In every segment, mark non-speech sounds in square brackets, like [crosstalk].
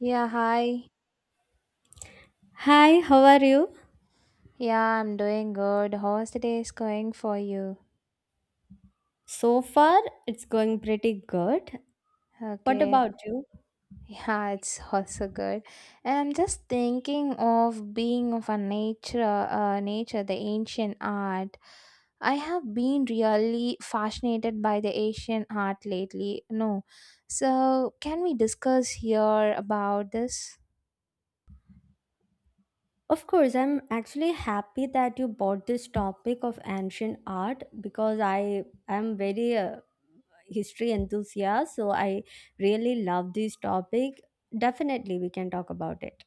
Yeah, hi. Hi, how are you? Yeah, I'm doing good. How's the day is going for you? So far, it's going pretty good. What Okay. [laughs] about you? Yeah, it's also good. And I'm just thinking of being of a nature, nature, the ancient art. I have been really fascinated by the Asian art lately. No. So, can we discuss here about this? Of course, I'm actually happy that you brought this topic of ancient art, because I am very history enthusiast, so I really love this topic. Definitely, we can talk about it.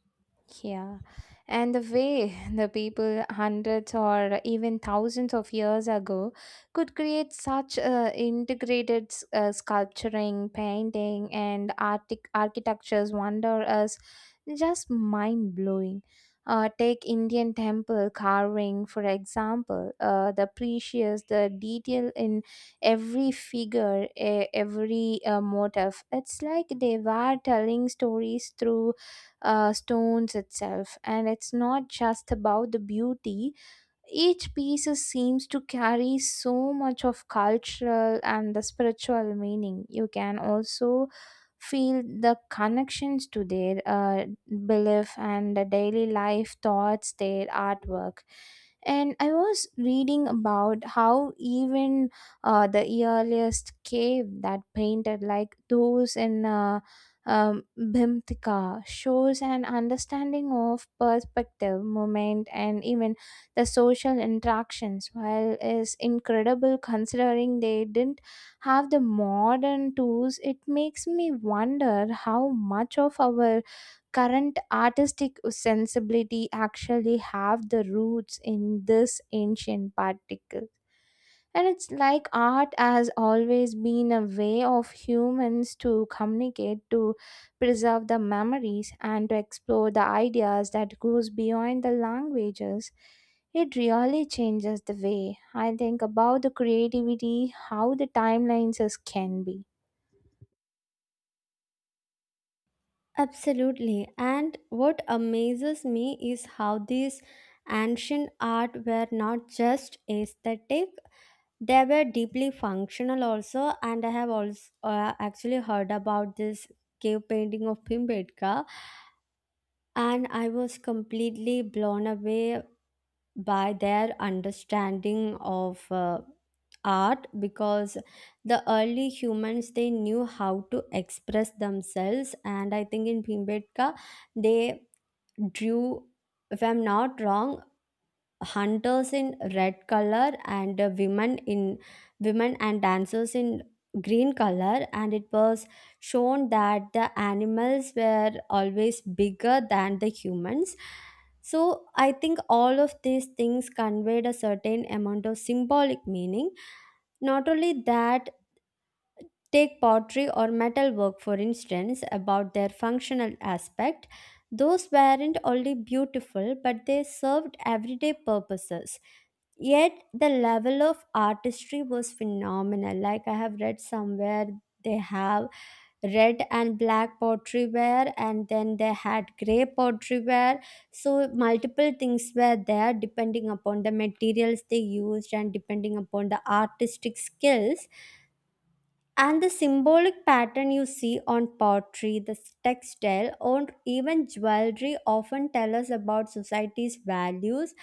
Yeah. And the way [laughs] the people hundreds or even thousands of years ago could create such integrated sculpturing, painting, and architectures wonder us just mind blowing. Take Indian temple carving, for example, the precious, the detail in every figure, every motif. It's like they were telling stories through stones itself and it's not just about the beauty each piece seems to carry so much of cultural and the spiritual meaning. You can also feel the connections to their belief and the daily life thoughts, their artwork. And I was reading about how even the earliest cave that painted like those in Bhimtika shows an understanding of perspective, moment, and even the social interactions while is incredible considering they didn't have the modern tools. It makes me wonder how much of our current artistic sensibility actually have the roots in this ancient particle, and it's like art has always been a way of humans to communicate, to preserve the memories and to explore the ideas that goes beyond the languages. It really changes the way I think about the creativity, how the timelines is can be. Absolutely. And what amazes me is how these ancient art were not just aesthetic. They were deeply functional also, and I have also actually heard about this cave painting of Pimbedka, and I was completely blown away by their understanding of art, because the early humans, they knew how to express themselves. And I think in Pimbedka they drew, if I'm not wrong, hunters in red color, and women and dancers in green color. And it was shown that the animals were always bigger than the humans, so I think all of these things conveyed a certain amount of symbolic meaning. Not only that, take pottery or metalwork, for instance, about their functional aspect. Those weren't only beautiful, but they served everyday purposes. Yet the level of artistry was phenomenal. Like I have read somewhere, they have red and black pottery ware, and then they had gray pottery ware. So, multiple things were there depending upon the materials they used and depending upon the artistic skills, and the symbolic pattern you see on pottery, the textile, or even jewelry often tell us about society's values.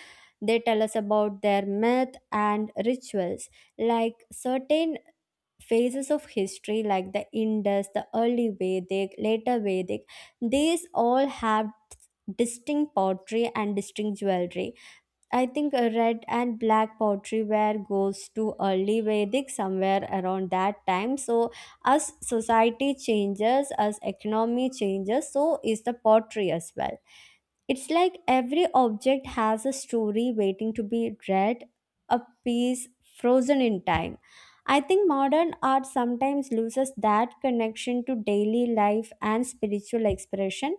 They tell us about their myth and rituals. Like certain phases of history, like the Indus, the early Vedic, later Vedic, these all have distinct pottery and distinct jewelry. I think red and black pottery ware goes to early Vedic somewhere around that time. So, as society changes, as economy changes, so is the pottery as well. It's like every object has a story waiting to be read, a piece frozen in time. I think modern art sometimes loses that connection to daily life and spiritual expression,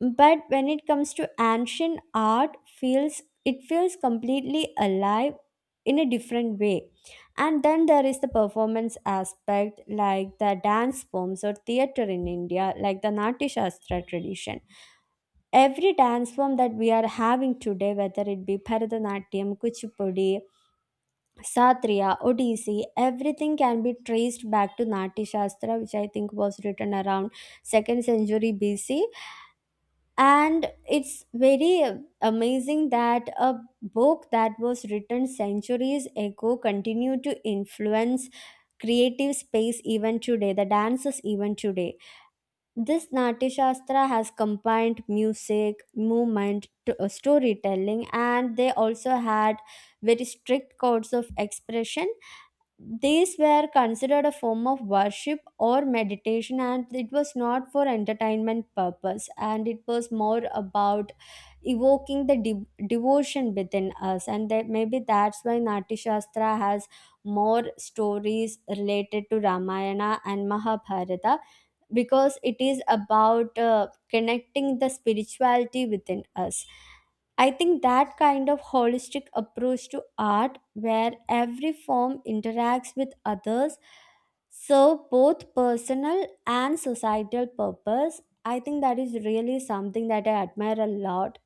but when it comes to ancient art, feels it feels completely alive in a different way. And then there is the performance aspect, like the dance forms or theater in India, like the Natya Shastra tradition. Every dance form that we are having today, whether it be Bharatanatyam, Kuchipudi, Satriya, Odissi, everything can be traced back to Natya Shastra, which I think was written around second century BC. And it's very amazing that a book that was written centuries ago continue to influence creative space even today, the dances even today. This Natya Shastra has combined music movement to storytelling, and they also had very strict codes of expression. These were considered a form of worship or meditation, and it was not for entertainment purpose, and it was more about evoking the devotion within us. And that, maybe that's why Nati Shastra has more stories related to Ramayana and Mahabharata, because it is about connecting the spirituality within us. I think that kind of holistic approach to art, where every form interacts with others, serve both personal and societal purpose. I think that is really something that I admire a lot.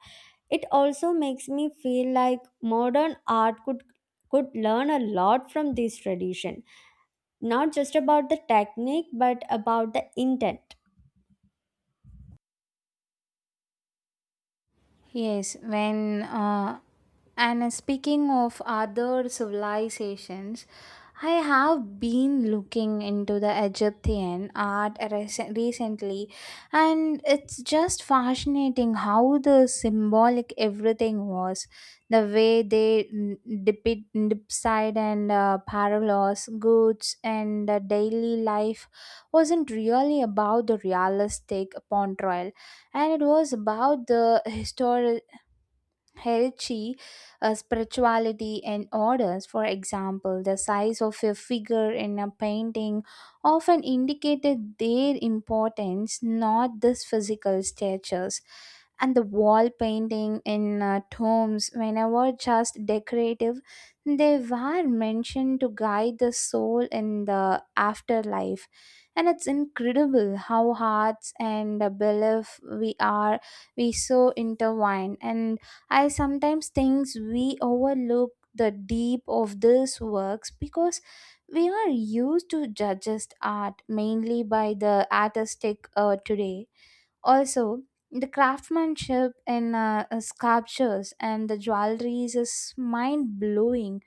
It also makes me feel like modern art could learn a lot from this tradition, not just about the technique, but about the intent. Yes, when and Speaking of other civilizations, I have been looking into the Egyptian art recently, and it's just fascinating how the symbolic everything was. The way they depict dipside and parallels, goods, and daily life wasn't really about the realistic portrayal, and it was about the historical hierarchy, spirituality, and orders. For example, the size of a figure in a painting often indicated their importance, not this physical statures. And the wall painting in tombs, whenever just decorative, they were mentioned to guide the soul in the afterlife. And it's incredible how hearts and the belief we so intertwined, and I sometimes think we overlook the deep of these works because we are used to judges art mainly by the artistic today. Also, the craftsmanship in sculptures and the jewelries is mind blowing.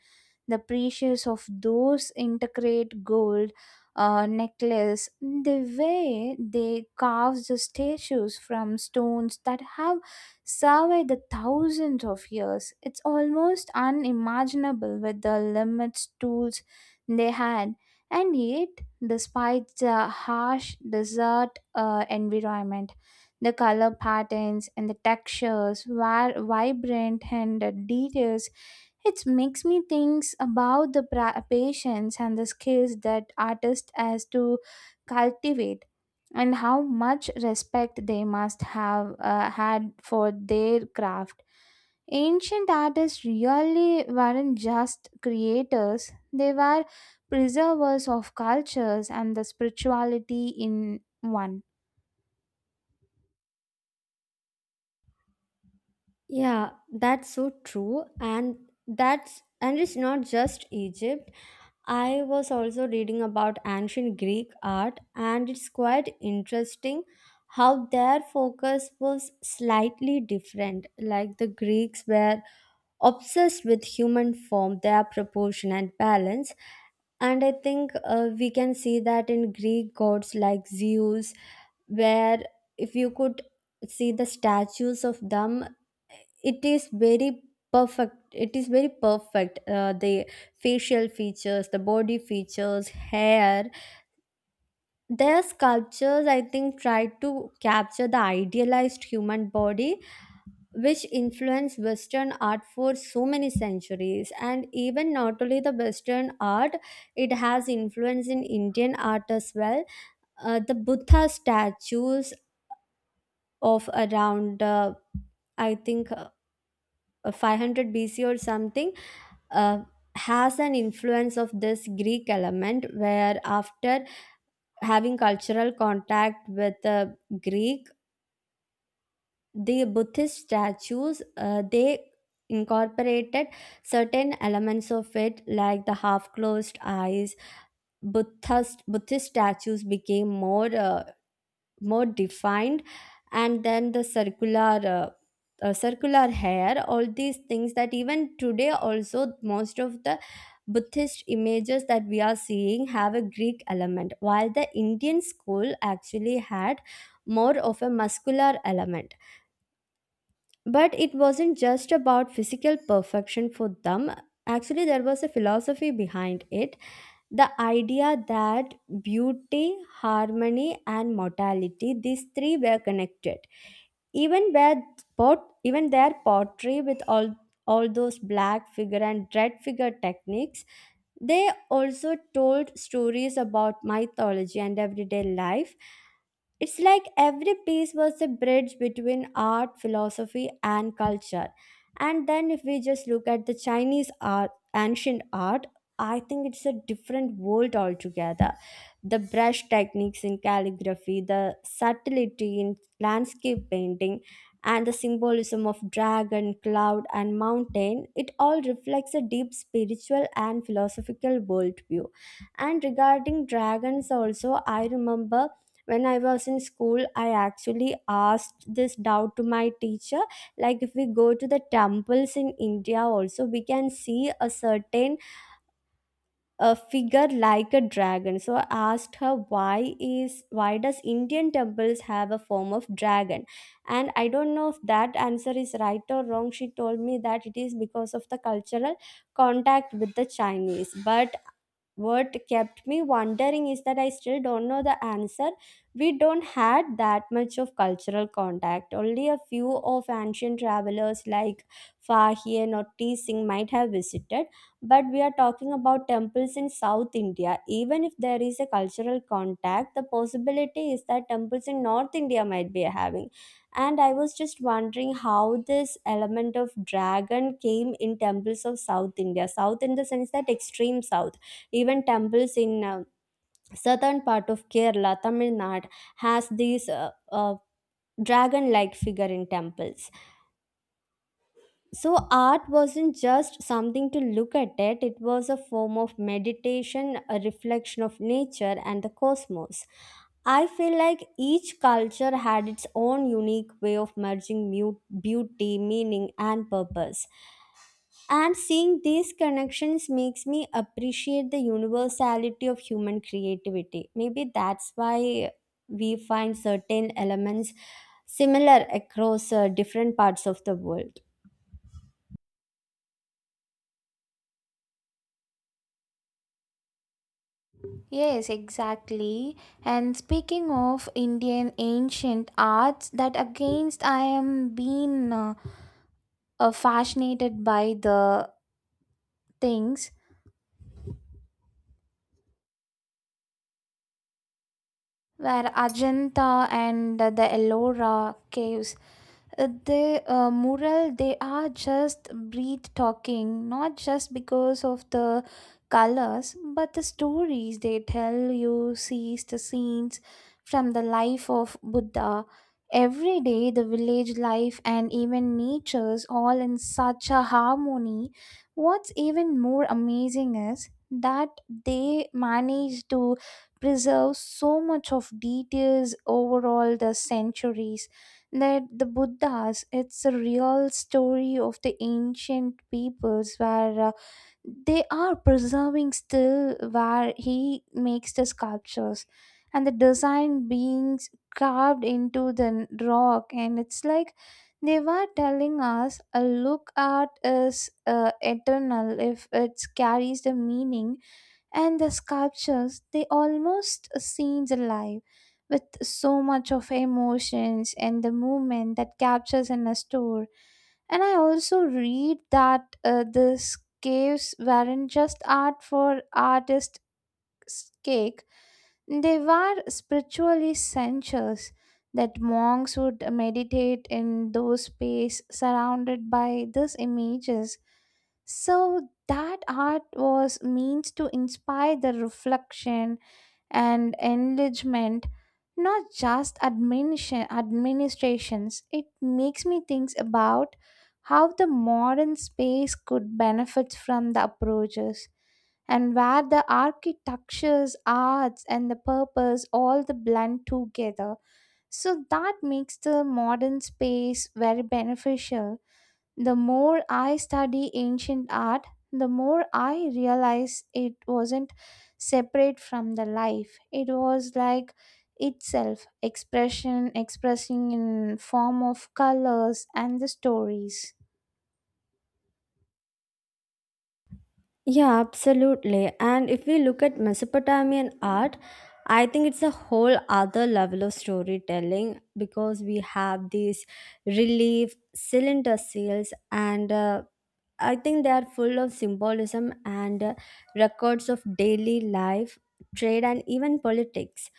The precious of those integrate gold necklace, the way they carve the statues from stones that have survived the thousands of years, it's almost unimaginable with the limits tools they had. And yet, despite the harsh desert environment, the color patterns and the textures were vibrant and the details, it makes me think about the patience and the skills that artists has to cultivate, and how much respect they must have had for their craft. Ancient artists really weren't just creators, they were preservers of cultures and the spirituality in one. Yeah, that's so true. And it's not just Egypt. I was also reading about ancient Greek art, and it's quite interesting how their focus was slightly different. Like the Greeks were obsessed with human form, their proportion and balance. And I think we can see that in Greek gods like Zeus, where if you could see the statues of them, it is very it is very perfect. The facial features, the body features, hair, their sculptures, I think, try to capture the idealized human body, which influenced western art for so many centuries. And even not only the western art, it has influence in Indian art as well. The Buddha statues of around I think 500 BC or something uh, has an influence of this Greek element, where after having cultural contact with the Greek, the Buddhist statues, they incorporated certain elements of it, like the half closed eyes. Buddhist statues became more defined, and then the uh, circular hair, all these things that even today also most of the Buddhist images that we are seeing have a Greek element, while the Indian school actually had more of a muscular element. But it wasn't just about physical perfection for them. Actually, there was a philosophy behind it. The idea that beauty, harmony, and mortality, these three were connected. Even where even their pottery with all those black figure and red figure techniques, they also told stories about mythology and everyday life. It's like every piece was a bridge between art, philosophy, and culture. And then, if we just look at the Chinese art, ancient art, I think it's a different world altogether. The brush techniques in calligraphy, the subtlety in landscape painting, and the symbolism of dragon, cloud, and mountain, it all reflects a deep spiritual and philosophical worldview. And regarding dragons, also, I remember when I was in school, I actually asked this doubt to my teacher. Like, if we go to the temples in India also, we can see a certain figure like a dragon. So I asked her, why does Indian temples have a form of dragon. And I don't know if that answer is right or wrong, she told me that it is because of the cultural contact with the Chinese. But what kept me wondering is that I still don't know the answer. We don't had that much of cultural contact. Only a few of ancient travelers like Fahi and Otti Singh might have visited, but we are talking about temples in South India. Even if there is a cultural contact, the possibility is that temples in North India might be having. And I was just wondering how this element of dragon came in temples of South India. South in the sense that extreme South, even temples in southern part of Kerala, Tamil Nadu, has these dragon-like figure in temples. So art wasn't just something to look at it, it was a form of meditation, a reflection of nature and the cosmos. I feel like each culture had its own unique way of merging beauty, meaning, and purpose. And seeing these connections makes me appreciate the universality of human creativity. Maybe that's why we find certain elements similar across different parts of the world. Yes, exactly. And speaking of Indian ancient arts, that against I am being. Fascinated by the things where Ajanta and the Ellora caves, the mural, they are just breathe talking, not just because of the colors but the stories they tell you sees. The scenes from the life of Buddha, every day the village life and even nature's all in such a harmony. What's even more amazing is that they manage to preserve so much of details over all the centuries, that the buddhas, it's a real story of the ancient peoples where they are preserving still where he makes the sculptures and the design being carved into the rock, and it's like they were telling us a look art is eternal if it carries the meaning. And the sculptures they almost seems alive with so much of emotions and the movement that captures in a store. And I also read that these caves weren't just art for artists cake, they were spiritually centers that monks would meditate in those space surrounded by these images, so that art was means to inspire the reflection and enlargement, not just adminition, administrations. It makes me think about how the modern space could benefit from the approaches and where the architectures, arts and the purpose all the blend together. So that makes the modern space very beneficial. The more I study ancient art, the more I realize it wasn't separate from the life. It was like itself, expression expressing in form of colors and the stories. Yeah, absolutely. And if we look at Mesopotamian art, I think it's a whole other level of storytelling, because we have these relief cylinder seals and, I think they are full of symbolism and records of daily life, trade, and even politics.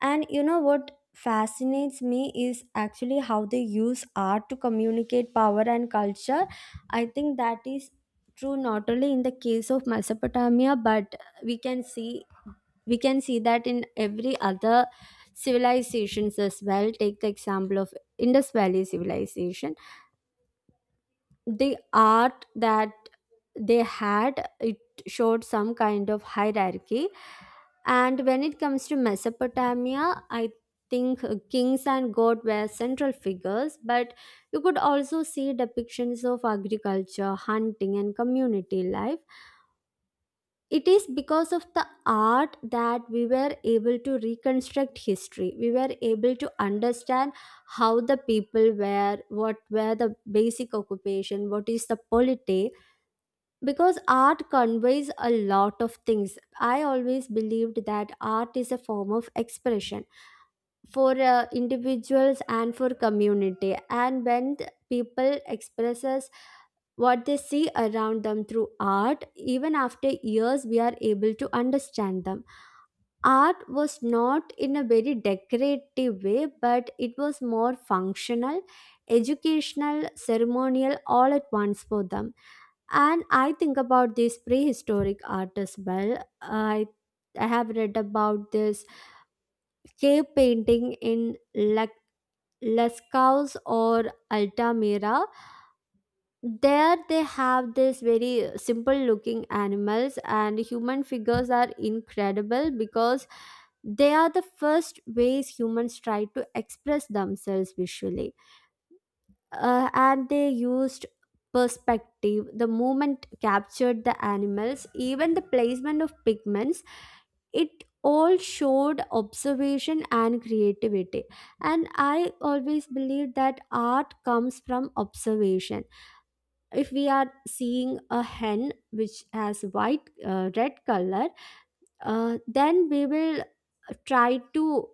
And you know what fascinates me is actually how they use art to communicate power and culture. I think that is true not only in the case of Mesopotamia, but we can see we can see that in every other civilizations as well. Take the example of Indus Valley civilization. The art that they had, it showed some kind of hierarchy. And when it comes to Mesopotamia, I think, kings and god were central figures, but you could also see depictions of agriculture, hunting, and community life. It is because of the art that we were able to reconstruct history. We were able to understand how the people were, what were the basic occupation, what is the polity, because art conveys a lot of things. I always believed that art is a form of expression for individuals and for community. And when people expresses what they see around them through art, even after years we are able to understand them. Art was not in a very decorative way, but it was more functional, educational, ceremonial, all at once for them. And I think about these prehistoric art as well. I have read about this cave painting in Lascaux or Altamira. There they have this very simple looking animals and human figures are incredible, because they are the first ways humans try to express themselves visually. And they used perspective, the movement captured the animals, even the placement of pigments, it all showed observation and creativity. And I always believe that art comes from observation. If we are seeing a hen which has white red color, then we will try to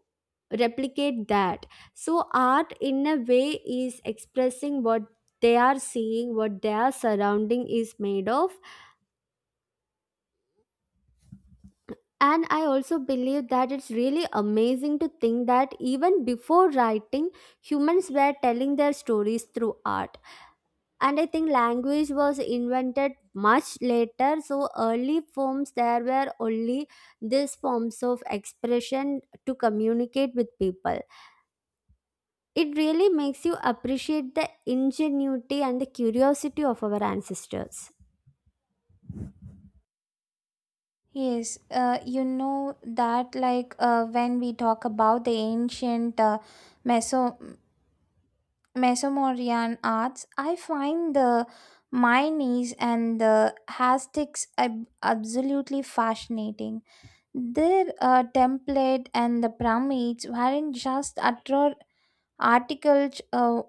replicate that. So, art in a way is expressing what they are seeing, what their surrounding is made of. And I also believe that it's really amazing to think that even before writing, humans were telling their stories through art. And I think language was invented much later, so early forms, there were only these forms of expression to communicate with people. It really makes you appreciate the ingenuity and the curiosity of our ancestors. Yes, you know that like when we talk about the ancient Meso Mesomorian arts, I find the Mynes and the Hastics absolutely fascinating. Their template and the pyramids weren't just utter articles,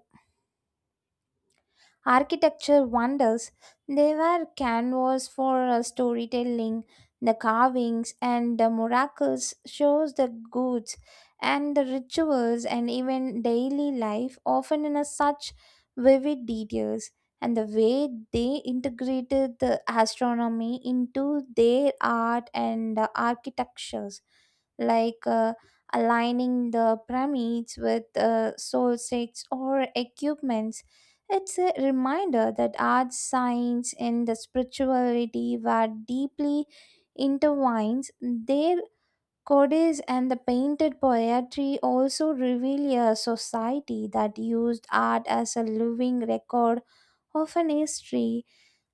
architecture wonders. They were canvas for storytelling. The carvings and the miracles shows the goods and the rituals and even daily life often in a such vivid details. And the way they integrated the astronomy into their art and the architectures, like aligning the pyramids with solstices or equipments, it's a reminder that arts, science, and the spirituality were deeply intertwined. Their codes and the painted poetry also reveal a society that used art as a living record of an history,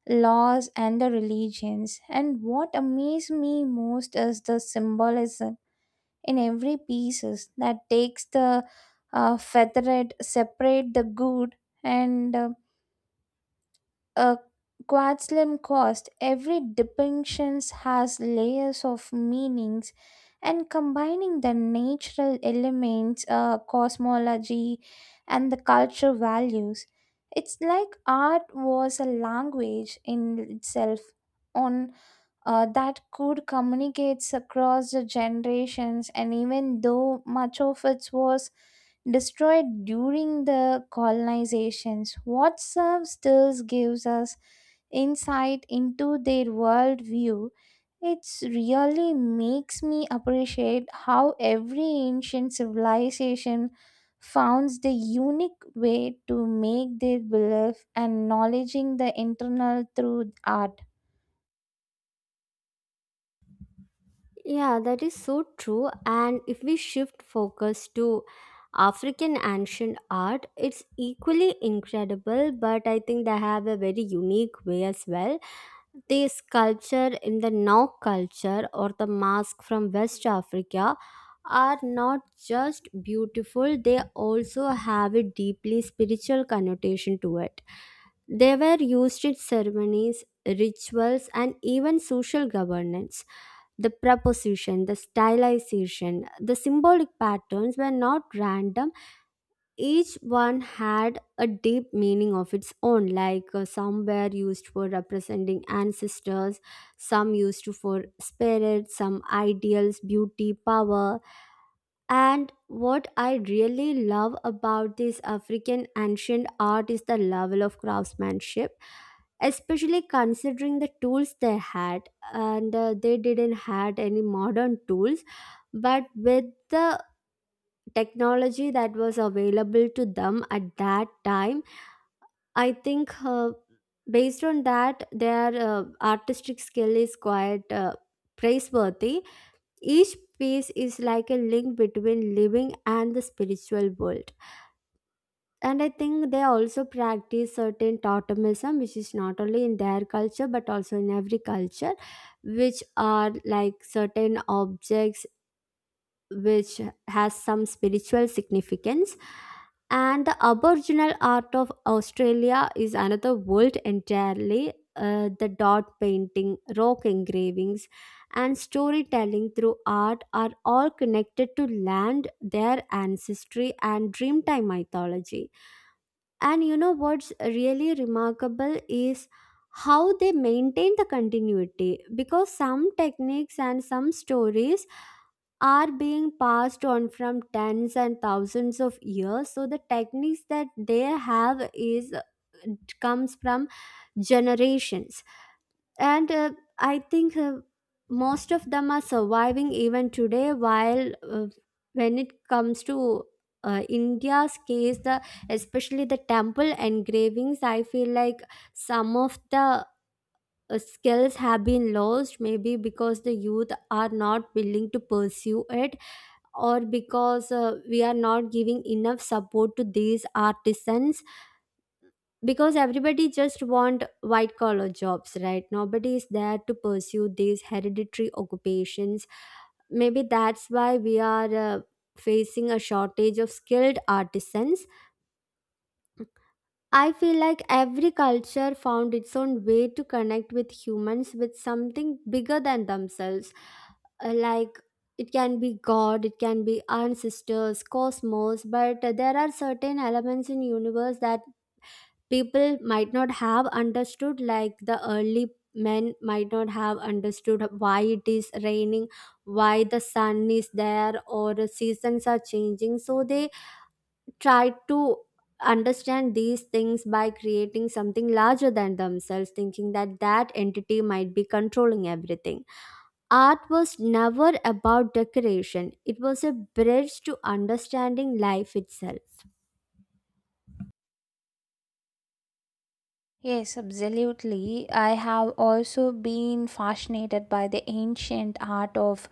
laws, and the religions. And what amazed me most is the symbolism in every pieces that takes the feathered, separate the good and a quad slim cost. Every depiction has layers of meanings, and combining the natural elements, cosmology, and the cultural values. It's like art was a language in itself on that could communicates across the generations. And even though much of it was destroyed during the colonizations, what serves still gives us insight into their worldview. It really makes me appreciate how every ancient civilization founds the unique way to make their belief and knowledging the internal through art. Yeah, that is so true. And if we shift focus to African ancient art, it's equally incredible, but I think they have a very unique way as well. The sculpture in the Nok culture or the mask from West Africa are not just beautiful, they also have a deeply spiritual connotation to it. They were used in ceremonies, rituals, and even social governance. The proposition, the stylization, the symbolic patterns were not random. Each one had a deep meaning of its own, like some were used for representing ancestors, some used for spirits, some ideals, beauty, power. And what I really love about this African ancient art is the level of craftsmanship, especially considering the tools they had. And they didn't had any modern tools, but with the technology that was available to them at that time, I think based on that, their artistic skill is quite praiseworthy. Each piece is like a link between living and the spiritual world. And I think they also practice certain totemism, which is not only in their culture but also in every culture, which are like certain objects which has some spiritual significance. And the Aboriginal art of Australia is another world entirely. The dot painting, rock engravings, and storytelling through art are all connected to land, their ancestry, and dreamtime mythology. And you know what's really remarkable is how they maintain the continuity, because some techniques and some stories are being passed on from tens and thousands of years. So the techniques that they have is comes from generations. And I think most of them are surviving even today. While when it comes to India's case, the, especially the temple engravings, I feel like some of the skills have been lost, maybe because the youth are not willing to pursue it, or because we are not giving enough support to these artisans, because everybody just want white collar jobs, right? Nobody is there to pursue these hereditary occupations. Maybe that's why we are facing a shortage of skilled artisans. I feel like every culture found its own way to connect with humans, with something bigger than themselves. Like it can be god, it can be ancestors, cosmos, but there are certain elements in universe that people might not have understood. Like the early men might not have understood why it is raining, why the sun is there, or the seasons are changing. So they try to understand these things by creating something larger than themselves, thinking that that entity might be controlling everything. Art was never about decoration, it was a bridge to understanding life itself. Yes, absolutely. I have also been fascinated by the ancient art of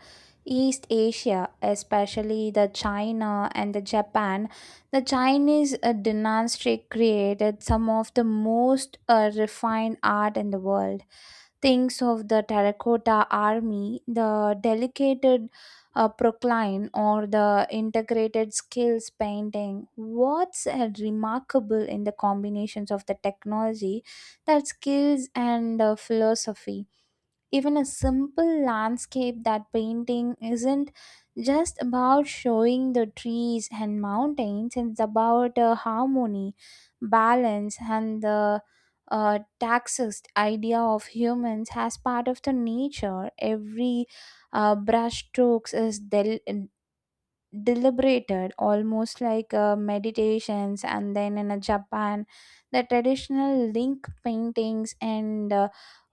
East Asia, especially the China and the Japan. The Chinese dynasty created some of the most refined art in the world. Thinks of the terracotta army, the delicate procline, or the integrated skills painting. What's remarkable in the combinations of the technology, that skills, and philosophy? Even a simple landscape that painting isn't just about showing the trees and mountains, it's about harmony, balance and the taxist idea of humans as part of the nature. Every brush strokes is deliberated, almost like meditations. And then in a Japan, the traditional link paintings and uh,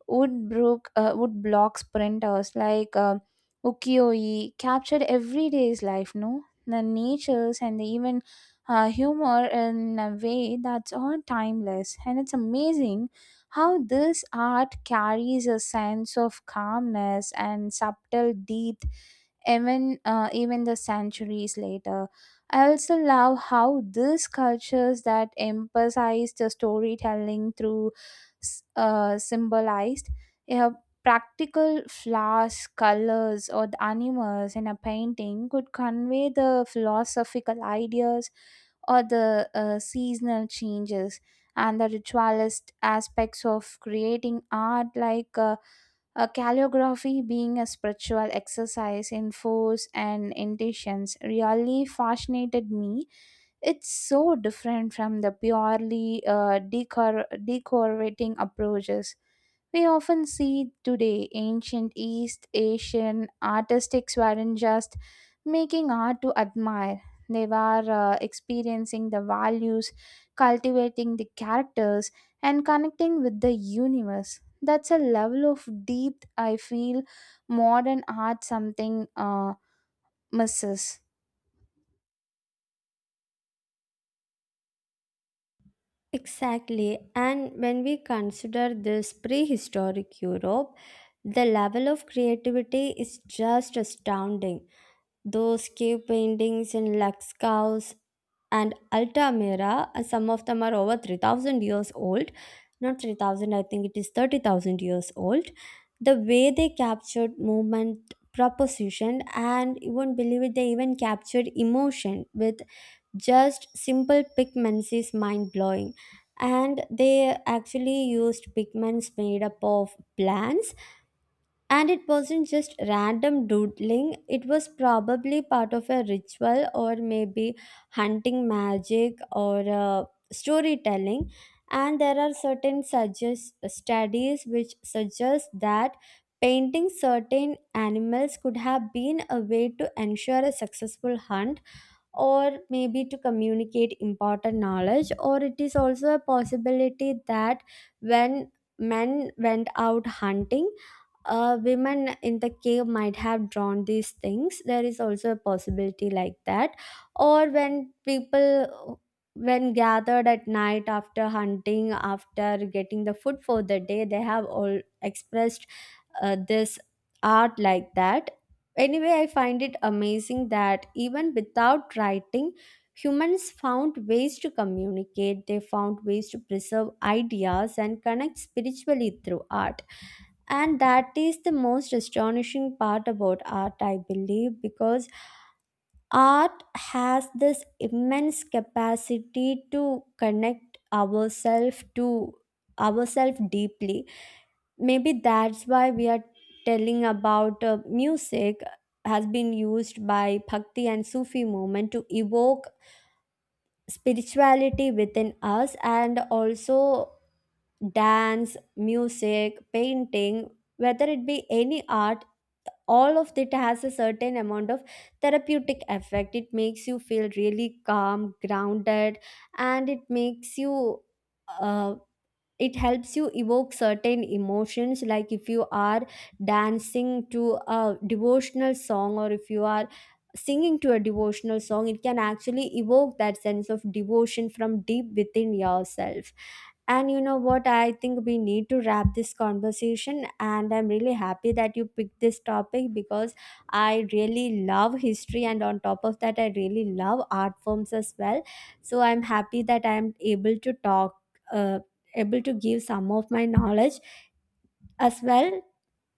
Wood brook uh, wood block sprinters like ukiyo-e captured everyday's life, no the natures and the even humor in a way that's all timeless. And it's amazing how this art carries a sense of calmness and subtle deep, even even the centuries later. I also love how these cultures that emphasize the storytelling through symbolized, yeah, practical flowers, colors, or the animals in a painting could convey the philosophical ideas or the seasonal changes. And the ritualist aspects of creating art, like a calligraphy being a spiritual exercise in force and intentions, really fascinated me. It's so different from the purely decorating approaches we often see today. Ancient East Asian artistics weren't just making art to admire, they were experiencing the values, cultivating the characters, and connecting with the universe. That's a level of depth I feel modern art something misses. Exactly. And when we consider this prehistoric Europe, the level of creativity is just astounding. Those cave paintings in Laxcaus and Altamira, some of them are over 3000 years old. Not 3000, I think it is 30,000 years old. The way they captured movement, proposition, and you won't believe it, they even captured emotion with just simple pigments is mind blowing. And they actually used pigments made up of plants, and it wasn't just random doodling, it was probably part of a ritual, or maybe hunting magic, or storytelling. And there are certain studies which suggest that painting certain animals could have been a way to ensure a successful hunt, or maybe to communicate important knowledge. Or it is also a possibility that when men went out hunting, women in the cave might have drawn these things. There is also a possibility like that. Or when people, when gathered at night after hunting, after getting the food for the day, they have all expressed this art like that. Anyway, I find it amazing that even without writing, humans found ways to communicate, they found ways to preserve ideas and connect spiritually through art. And that is the most astonishing part about art, I believe, because art has this immense capacity to connect ourselves to ourselves deeply. Maybe that's why we are telling about music has been used by bhakti and sufi movement to evoke spirituality within us. And also dance, music, painting, whether it be any art, all of it has a certain amount of therapeutic effect. It makes you feel really calm, grounded, and it makes you uh, it helps you evoke certain emotions. Like if you are dancing to a devotional song, or if you are singing to a devotional song, it can actually evoke that sense of devotion from deep within yourself. And you know what, I think we need to wrap this conversation, and I'm really happy that you picked this topic, because I really love history, and on top of that, I really love art forms as well. So I'm happy that I'm able to talk, uh, able to give some of my knowledge as well.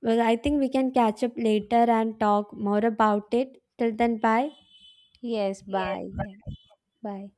Well, I think we can catch up later and talk more about it. Till then, bye. Yes, bye. Yes. Then. Bye.